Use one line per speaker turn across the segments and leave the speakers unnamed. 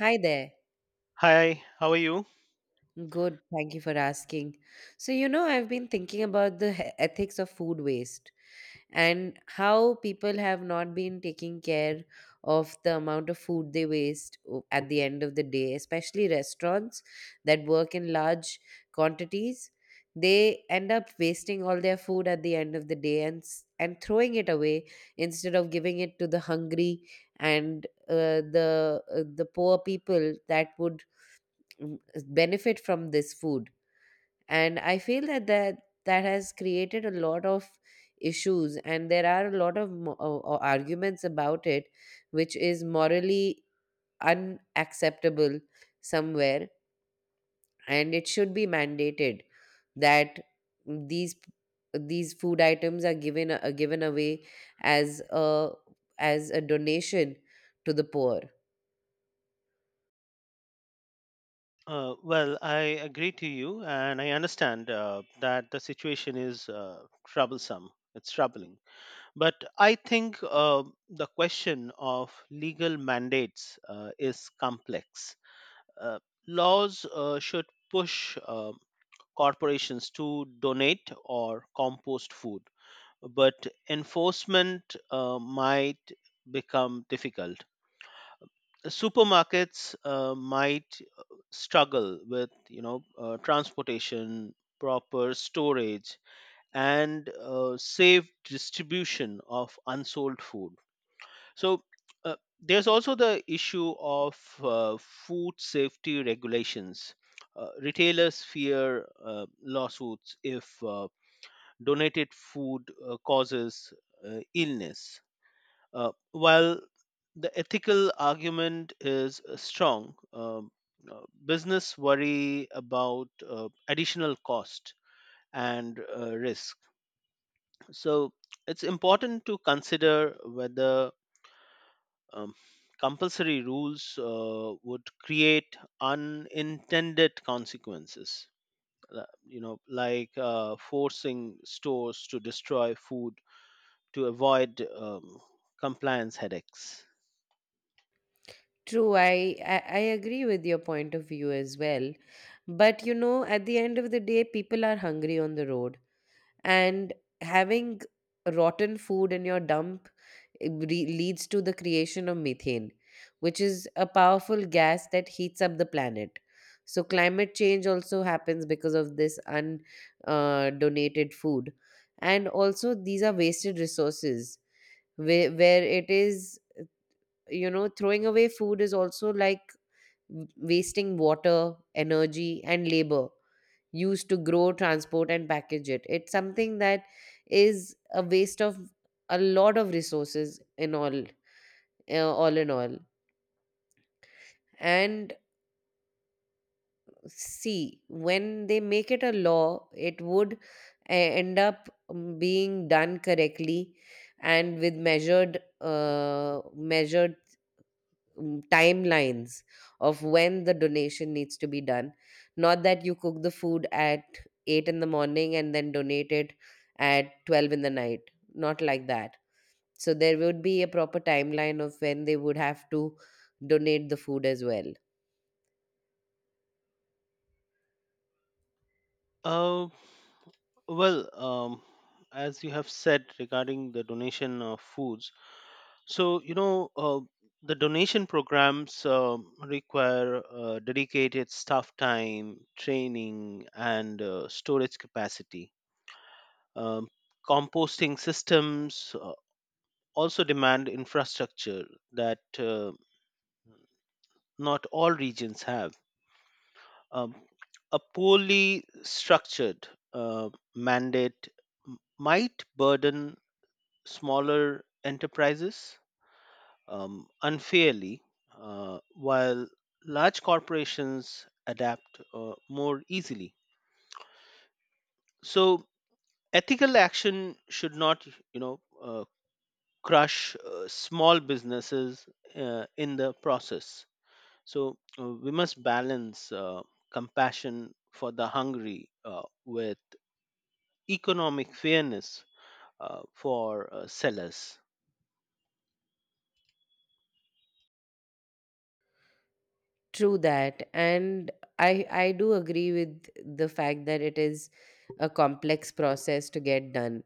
Hi there.
Hi, how are you?
Good. Thank you for asking. I've been thinking about the ethics of food waste and how people have not been taking care of the amount of food they waste at the end of the day, especially restaurants that work in large quantities. They end up wasting all their food at the end of the day and and throwing it away instead of giving it to the hungry and the poor people that would mm, benefit from this food, and I feel that has created a lot of issues, and there are a lot of arguments about it, which is morally unacceptable somewhere, and it should be mandated that these these food items are given given away as a as a donation to the poor.
Well, I agree to you, and I understand that the situation is troublesome. It's troubling. But I think the question of legal mandates is complex. Uh, Laws should push corporations to donate or compost food, but enforcement might become difficult. Supermarkets might struggle with transportation, proper storage, and safe distribution of unsold food. So there's also the issue of food safety regulations. Retailers fear lawsuits if donated food causes illness. While the ethical argument is strong, business worry about additional cost and risk. So it's important to consider whether um, compulsory rules would create unintended consequences. You know, like forcing stores to destroy food to avoid compliance headaches.
True, I agree with your point of view as well. But you know, at the end of the day, people are hungry on the road, and having rotten food in your dump leads to the creation of methane, which is a powerful gas that heats up the planet. So climate change also happens because of this un donated food, and also these are wasted resources where it is, you know, throwing away food is also like wasting water, energy, and labor used to grow, transport, and package it. It's something that is a waste of a lot of resources in all in all. And see, when they make it a law, it would end up being done correctly and with measured timelines of when the donation needs to be done. Not that you cook the food at 8 in the morning and then donate it at 12 in the night. Not like that. So there would be a proper timeline of when they would have to donate the food as well.
Uh, Well, as you have said regarding the donation of foods, so the donation programs require dedicated staff time, training, and storage capacity. Um, Composting systems also demand infrastructure that not all regions have. Um, a poorly structured uh, mandate might burden smaller enterprises unfairly, while large corporations adapt more easily. So ethical action should not, you know, uh, crush small businesses in the process. So we must balance compassion for the hungry with economic fairness for sellers.
True that. And I do agree with the fact that it is a complex process to get done,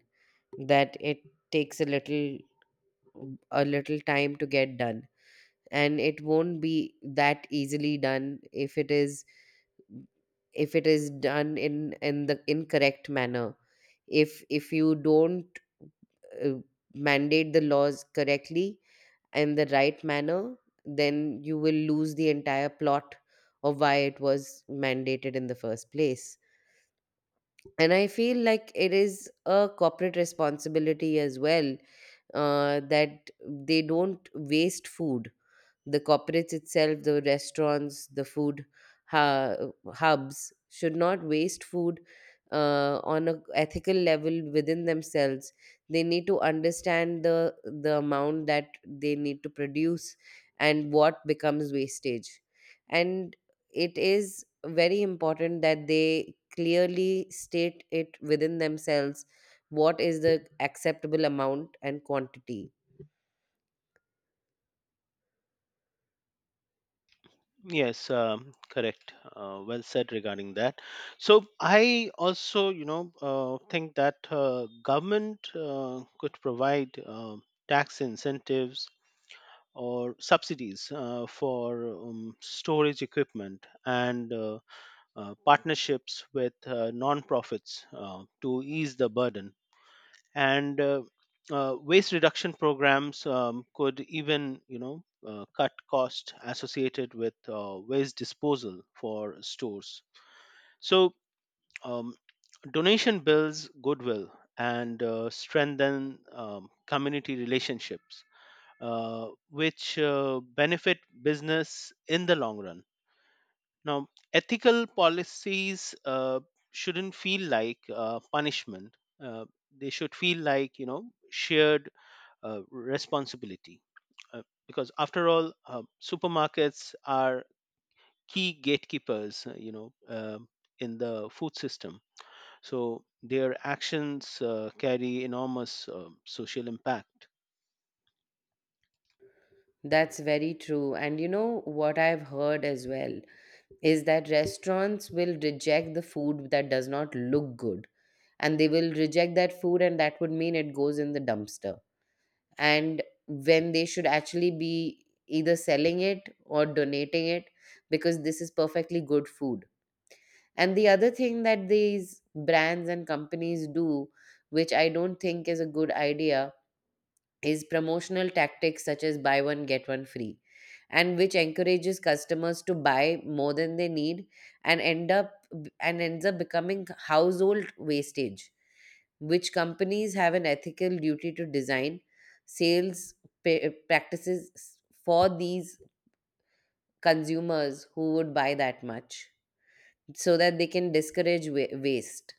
that it takes a little time to get done, and it won't be that easily done if it is done in the incorrect manner, if you don't uh, mandate the laws correctly and the right manner, then you will lose the entire plot of why it was mandated in the first place. And I feel like it is a corporate responsibility as well, that they don't waste food. The corporates itself, the restaurants, the food hu- hubs should not waste food on a ethical level within themselves. They need to understand the amount that they need to produce and what becomes wastage, and it is very important that they clearly state it within themselves what is the acceptable amount and quantity.
Yes, correct. Well said regarding that. So I also, think that government could provide tax incentives or subsidies for storage equipment and partnerships with non-profits to ease the burden, and waste reduction programs could even cut cost associated with waste disposal for stores. So um, donation builds goodwill and strengthen community relationships which benefit business in the long run. Now, ethical policies shouldn't feel like punishment. uh, they should feel like shared responsibility. Uh, because after all, supermarkets are key gatekeepers, in the food system. So their actions carry enormous social impact.
That's very true. And you know what I've heard as well is that restaurants will reject the food that does not look good. And they will reject that food, and that would mean it goes in the dumpster. And when they should actually be either selling it or donating it, because this is perfectly good food. And the other thing that these brands and companies do, which I don't think is a good idea, is promotional tactics such as buy one, get one free, and which encourages customers to buy more than they need and ends up becoming household wastage, which companies have an ethical duty to design sales practices for these consumers who would buy that much so that they can discourage waste.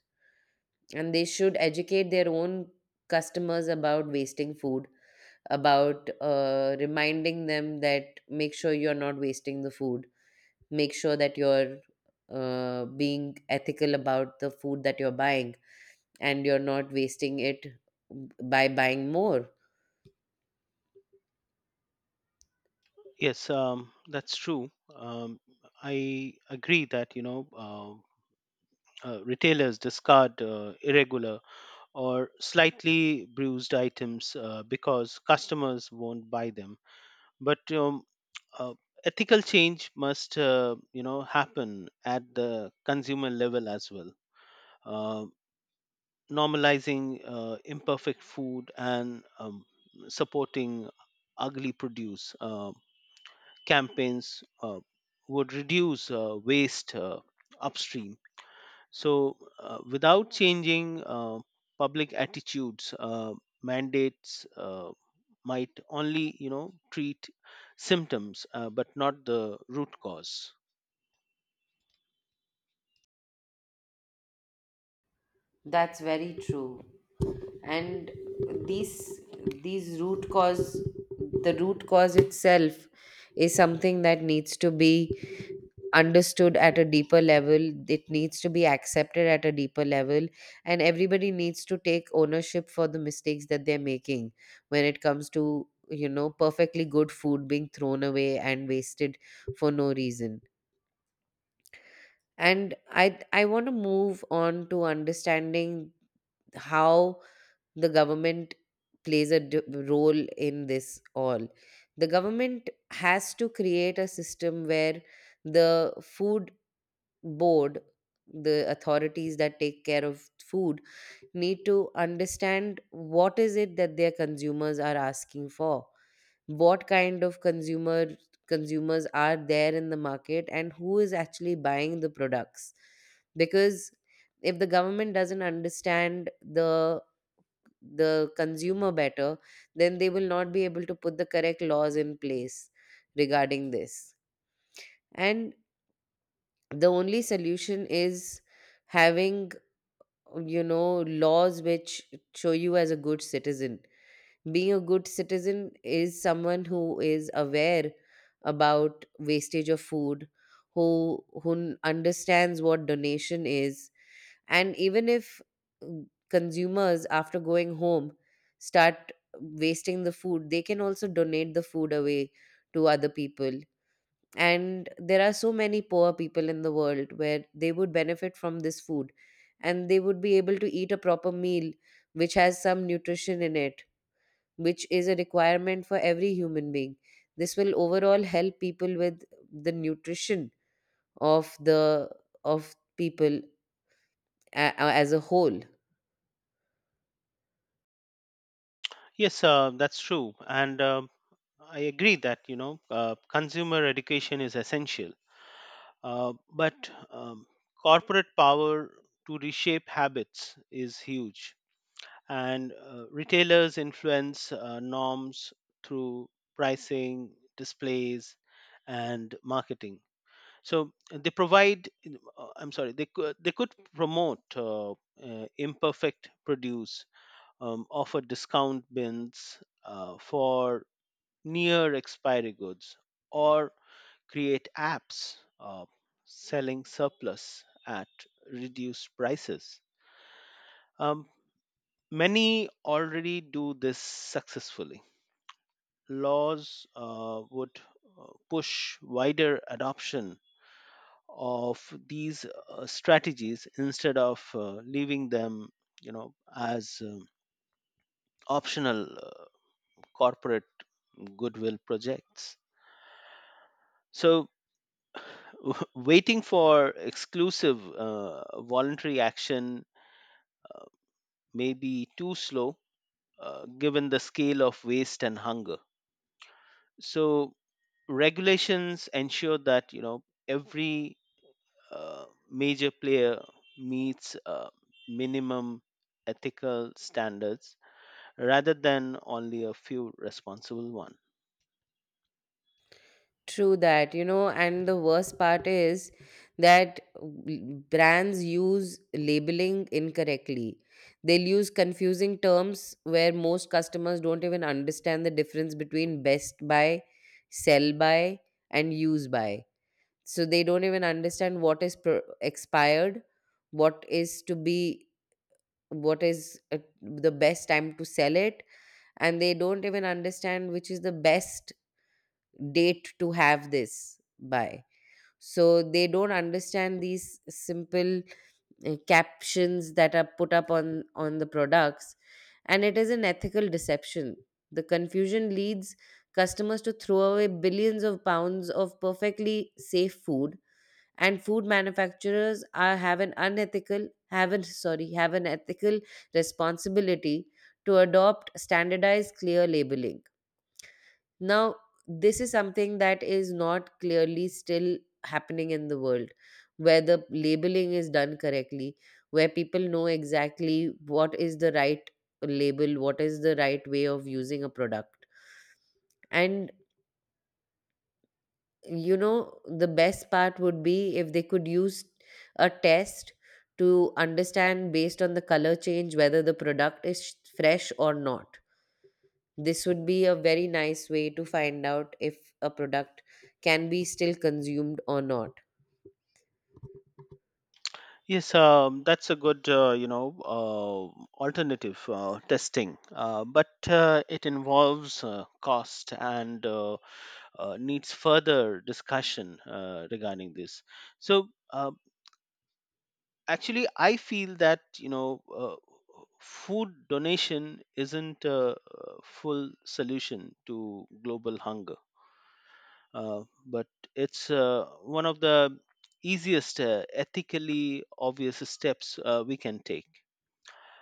And they should educate their own customers about wasting food, about reminding them that make sure you're not wasting the food, make sure that you're being ethical about the food that you're buying and you're not wasting it by buying more.
Yes, that's true. I agree that retailers discard irregular or slightly bruised items because customers won't buy them. But uh, ethical change must, you know, happen at the consumer level as well. Um Normalizing imperfect food and supporting ugly produce campaigns would reduce waste upstream. So, without changing public attitudes, mandates might only, treat symptoms but not the root cause.
That's very true. And these these root cause the root cause itself is something that needs to be understood at a deeper level. It needs to be accepted at a deeper level. And everybody needs to take ownership for the mistakes that they're making when it comes to, you know, perfectly good food being thrown away and wasted for no reason. And I want to move on to understanding how the government plays a role in this all. The government has to create a system where the food board, the authorities that take care of food, need to understand what is it that their consumers are asking for, what kind of consumers are there in the market and who is actually buying the products, because if the government doesn't understand the consumer better, then they will not be able to put the correct laws in place regarding this. And the only solution is having, you know, laws which show you as a good citizen. Being a good citizen is someone who is aware about wastage of food, who understands what donation is, and even if consumers after going home start wasting the food, they can also donate the food away to other people. And there are so many poor people in the world where they would benefit from this food, and they would be able to eat a proper meal which has some nutrition in it, which is a requirement for every human being. This will overall help people with the nutrition of the of people as a whole.
Yes, that's true, and I agree that consumer education is essential. But corporate power to reshape habits is huge, and retailers influence norms through pricing, displays, and marketing. So they provide, I'm sorry, they could promote imperfect produce, offer discount bins for near expiry goods, or create apps selling surplus at reduced prices. Um, Many already do this successfully. Laws would push wider adoption of these strategies instead of leaving them, as optional corporate goodwill projects. So, waiting for exclusive voluntary action may be too slow given the scale of waste and hunger. So regulations ensure that, every uh, major player meets minimum ethical standards rather than only a few responsible ones.
True that, you know, and the worst part is that brands use labeling incorrectly. They'll use confusing terms where most customers don't even understand the difference between best buy, sell by, and use by. So they don't even understand what is expired, what is to be, what is the best time to sell it, and they don't even understand which is the best date to have this by. So they don't understand these simple captions that are put up on the products, and it is an ethical deception. The confusion leads customers to throw away billions of pounds of perfectly safe food, and food manufacturers are have an unethical have an sorry have an ethical responsibility to adopt standardized clear labeling. Now, this is something that is not clearly still happening in the world, where the labeling is done correctly, where people know exactly what is the right label, what is the right way of using a product. And, you know, the best part would be if they could use a test to understand based on the color change whether the product is fresh or not. This would be a very nice way to find out if a product can be still consumed or not.
Yes, that's a good, alternative testing, but it involves cost and needs further discussion regarding this. So, actually, I feel that, food donation isn't a full solution to global hunger, but it's one of the easiest, ethically obvious steps we can take.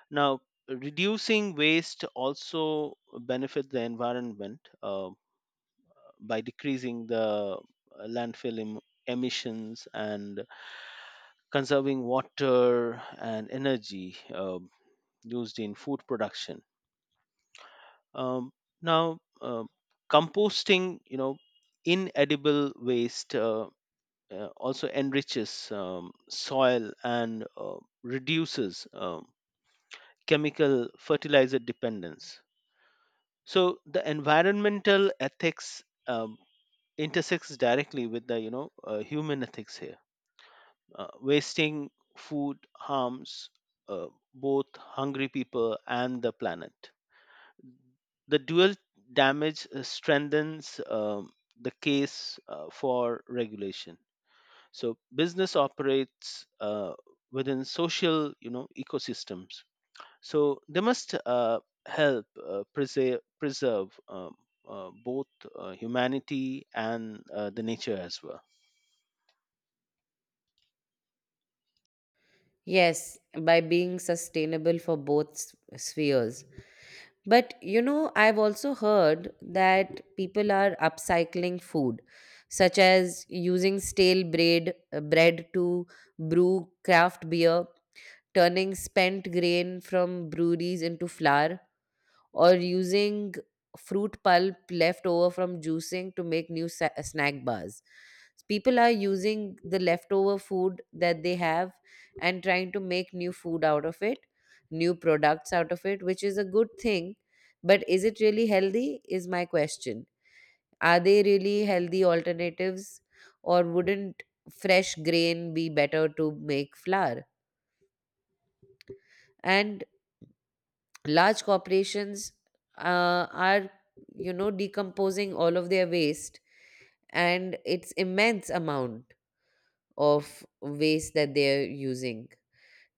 Now, reducing waste also benefits the environment. By decreasing the landfill emissions and conserving water and energy used in food production. Um, Now, composting, inedible waste also enriches soil and reduces chemical fertilizer dependence. So the environmental ethics intersects directly with the, human ethics here. Wasting food harms uh, both hungry people and the planet. The dual damage strengthens the case for regulation. So business operates within social, ecosystems. So they must help preserve both humanity and the nature as well.
Yes, by being sustainable for both spheres. But you know, I've also heard that people are upcycling food, such as using bread to brew craft beer, turning spent grain from breweries into flour, or using fruit pulp left over from juicing to make new snack bars. People are using the leftover food that they have and trying to make new food out of it, new products out of it, which is a good thing. But is it really healthy? Is my question. Are they really healthy alternatives, or wouldn't fresh grain be better to make flour? And large corporations are, you know, decomposing all of their waste, and it's immense amount of waste that they're using,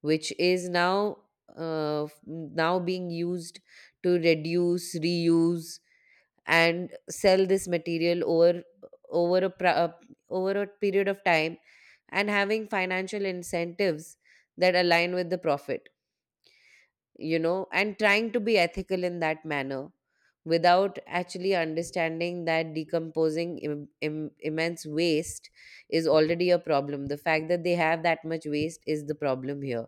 which is now now being used to reduce, reuse, and sell this material over over a pra- uh, over a period of time, and having financial incentives that align with the profit, you know, and trying to be ethical in that manner without actually understanding that decomposing immense waste is already a problem. The fact that they have that much waste is the problem here.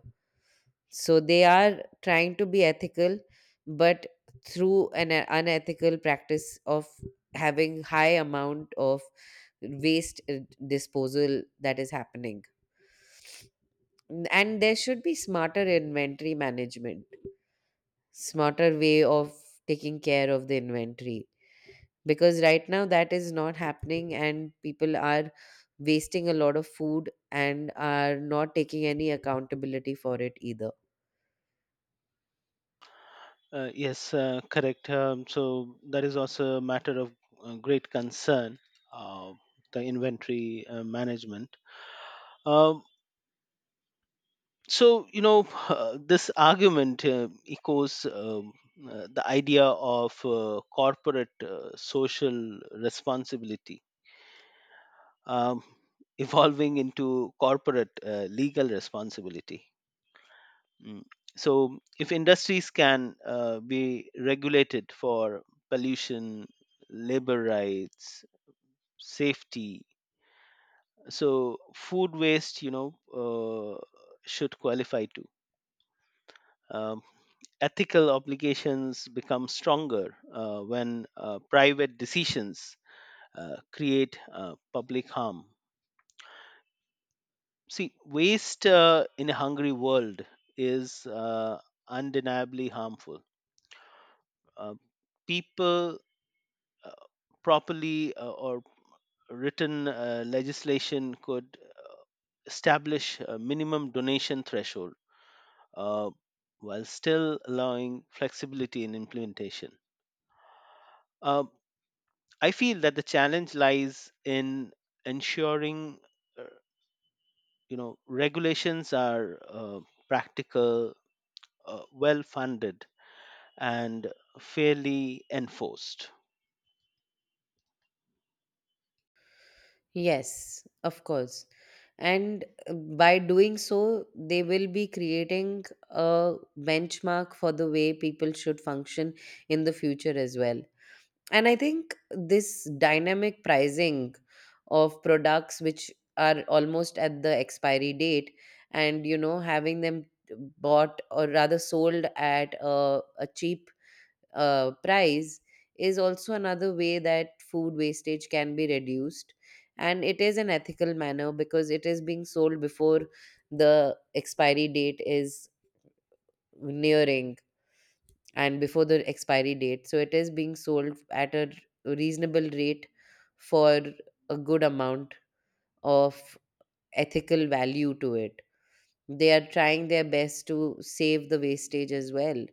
So they are trying to be ethical, but through an unethical practice of having high amount of waste disposal that is happening. And there should be smarter inventory management, smarter way of taking care of the inventory, because right now that is not happening and people are wasting a lot of food and are not taking any accountability for it either.
Yes, correct. So that is also a matter of great concern, uh, the inventory management. Um, so, this argument echoes the idea of corporate social responsibility. um, Evolving into corporate legal responsibility. Mm. So, if industries can be regulated for pollution, labor rights, safety, so food waste, should qualify too. Um, Ethical obligations become stronger when private decisions create public harm. See, waste in a hungry world is undeniably harmful. Uh, People, uh, properly or written legislation could establish a minimum donation threshold uh, while still allowing flexibility in implementation. Uh, I feel that the challenge lies in ensuring, uh, regulations are practical, well funded, and fairly enforced.
Yes, of course. And by doing so they will be creating a benchmark for the way people should function in the future as well. And I think this dynamic pricing of products which are almost at the expiry date, and you know having them bought or rather sold at a cheap price, is also another way that food wastage can be reduced, and it is an ethical manner because it is being sold before the expiry date is nearing and before the expiry date. So it is being sold at a reasonable rate for a good amount of ethical value to it. They are trying their best to save the wastage as well.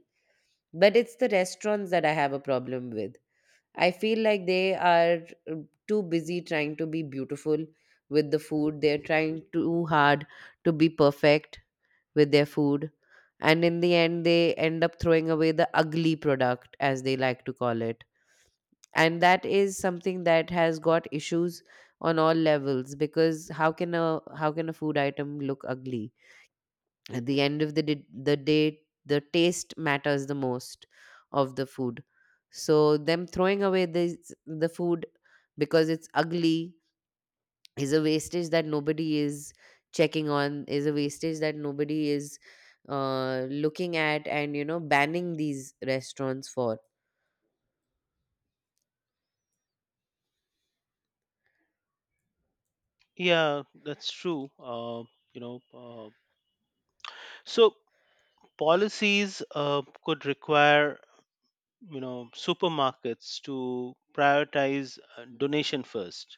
But it's the restaurants that I have a problem with. I feel like they are uh, too busy trying to be beautiful with the food. They're trying too hard to be perfect with their food. And in the end, they end up throwing away the ugly product, as they like to call it. And that is something that has got issues on all levels because how can a food item look ugly? At the end of the day, the taste matters the most of the food. So them throwing away this the food because it's ugly is a wastage that nobody is checking on, is a wastage that nobody is looking at and banning these restaurants for.
Yeah, that's true. You know, uh, so policies could require, supermarkets to prioritize donation first,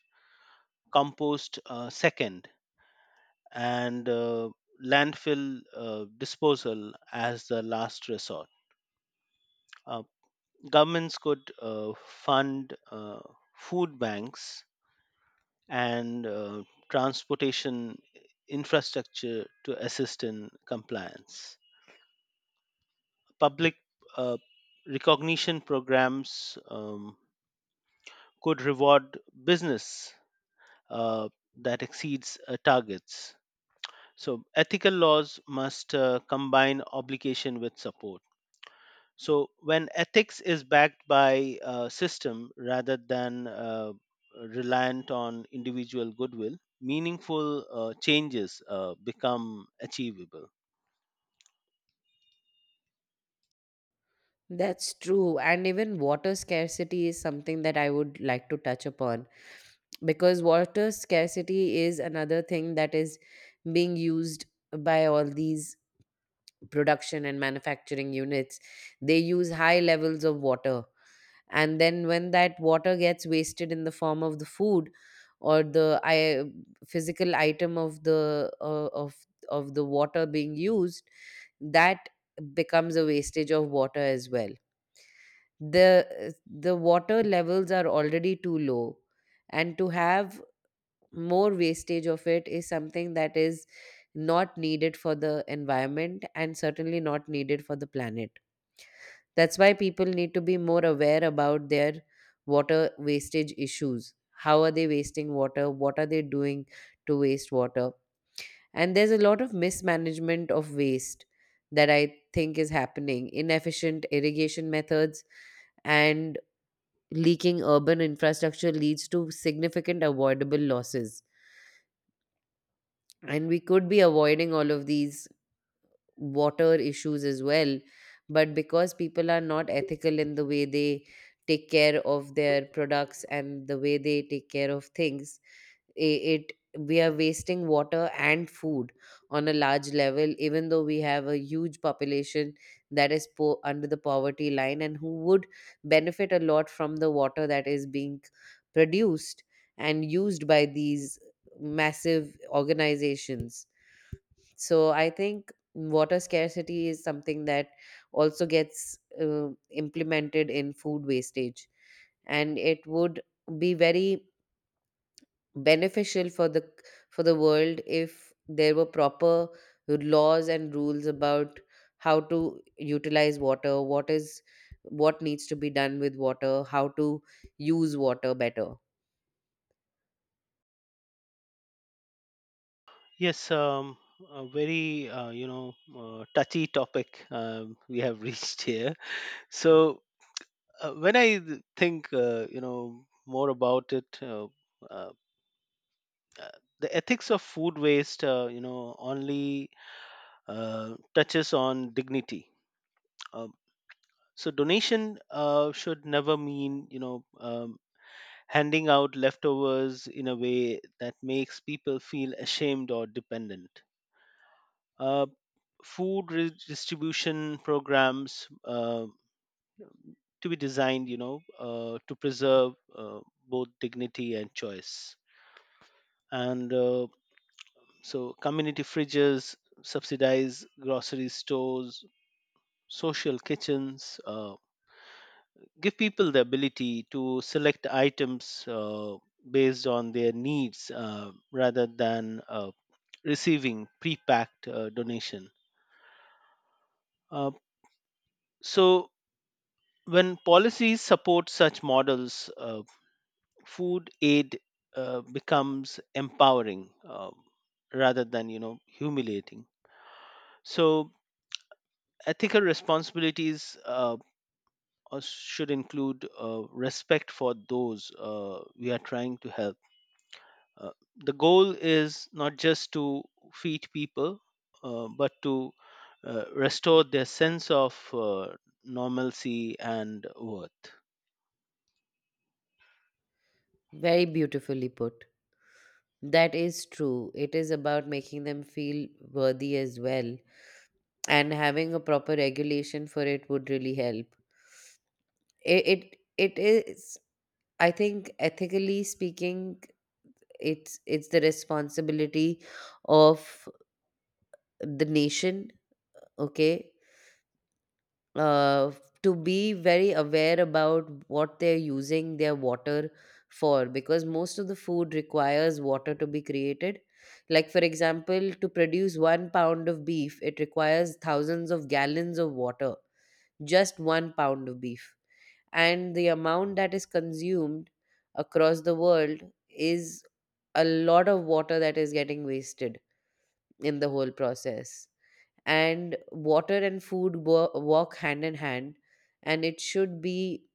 compost second, and landfill disposal as the last resort. Uh, Governments could fund food banks and transportation infrastructure to assist in compliance. Public uh, recognition programs could reward business uh, that exceeds targets. So, ethical laws must combine obligation with support. So when ethics is backed by a system rather than reliant on individual goodwill, meaningful changes become achievable.
That's true, and even water scarcity is something that I would like to touch upon, because water scarcity is another thing that is being used by all these production and manufacturing units. They use high levels of water, and then when that water gets wasted in the form of the food or physical item of the water being used, that becomes a wastage of water as well. The water levels are already too low, and to have more wastage of it is something that is not needed for the environment and certainly not needed for the planet. That's why people need to be more aware about their water wastage issues. How are they wasting water? What are they doing to waste water? And there's a lot of mismanagement of waste that I think is happening. Inefficient irrigation methods and leaking urban infrastructure leads to significant avoidable losses. And we could be avoiding all of these water issues as well. But because people are not ethical in the way they take care of their products and the way they take care of things, it we are wasting water and food on a large level, even though we have a huge population that is under the poverty line and who would benefit a lot from the water that is being produced and used by these massive organizations. So I think water scarcity is something that also gets implemented in food wastage, and it would be very beneficial for the world if there were proper laws and rules about how to utilize water, what is what needs to be done with water, how to use water better.
Yes, a very touchy topic we have reached here. So when I think, more about it, uh, uh, the ethics of food waste only touches on dignity. um, so donation should never mean, handing out leftovers in a way that makes people feel ashamed or dependent. uh, Food redistribution programs to be designed, to preserve both dignity and choice. And So, community fridges, subsidize grocery stores, social kitchens, give people the ability to select items based on their needs rather than receiving pre-packed donation. Uh, so, when policies support such models, food aid becomes empowering rather than, humiliating. So, ethical responsibilities. Should include respect for those we are trying to help. Uh, the goal is not just to feed people, but to restore their sense of normalcy and worth.
Very beautifully put. That is true. It is about making them feel worthy as well, and having a proper regulation for it would really help. It is, I think, ethically speaking, it's the responsibility of the nation. Okay. Uh, to be very aware about what they're using their water for, because most of the food requires water to be created. Like for example, to produce 1 pound of beef, it requires thousands of gallons of water. Just 1 pound of beef. And the amount that is consumed across the world is a lot of water that is getting wasted in the whole process. And water and food walk hand in hand, and it should be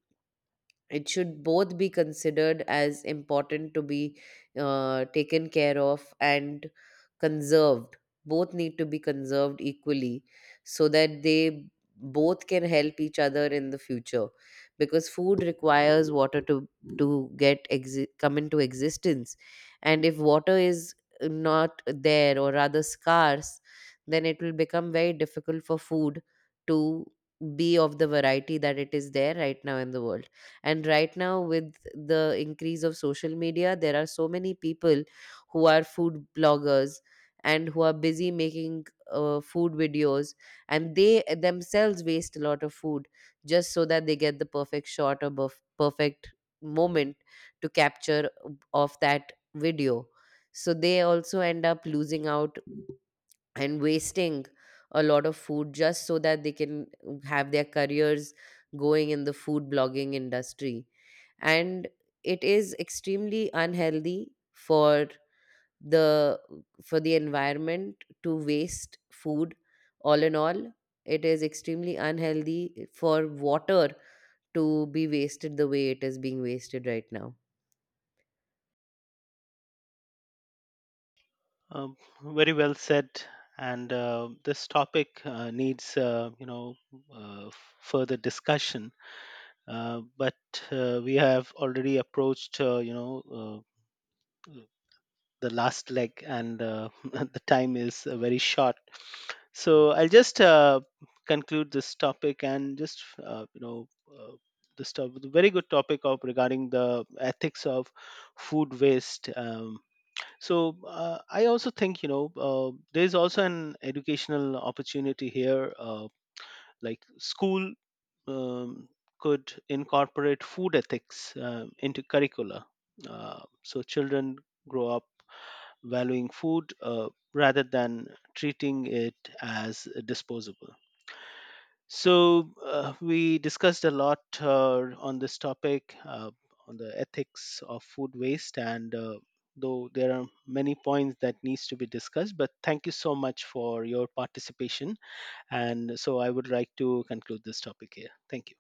it should both be considered as important to be taken care of and conserved. Both need to be conserved equally so that they both can help each other in the future, because food requires water to come into existence. And if water is not there or rather scarce, then it will become very difficult for food to be of the variety that it is there right now in the world. And right now, with the increase of social media, there are so many people who are food bloggers and who are busy making food videos, and they themselves waste a lot of food just so that they get the perfect shot or perfect moment to capture of that video. So they also end up losing out and wasting a lot of food just so that they can have their careers going in the food blogging industry. And it is extremely unhealthy the for the environment to waste food. All in all, it is extremely unhealthy for water to be wasted the way it is being wasted right now.
Um, Very well said. And this topic needs, further discussion. But we have already approached, uh, the last leg, and the time is very short, so I'll just conclude this topic and just uh, you know uh, the very good topic of regarding the ethics of food waste. So I also think, there's also an educational opportunity here, like school um, could incorporate food ethics into curricula so children grow up valuing food rather than treating it as disposable. So, we discussed a lot on this topic, on the ethics of food waste, and though there are many points that needs to be discussed, but thank you so much for your participation. And so, I would like to conclude this topic here. Thank you.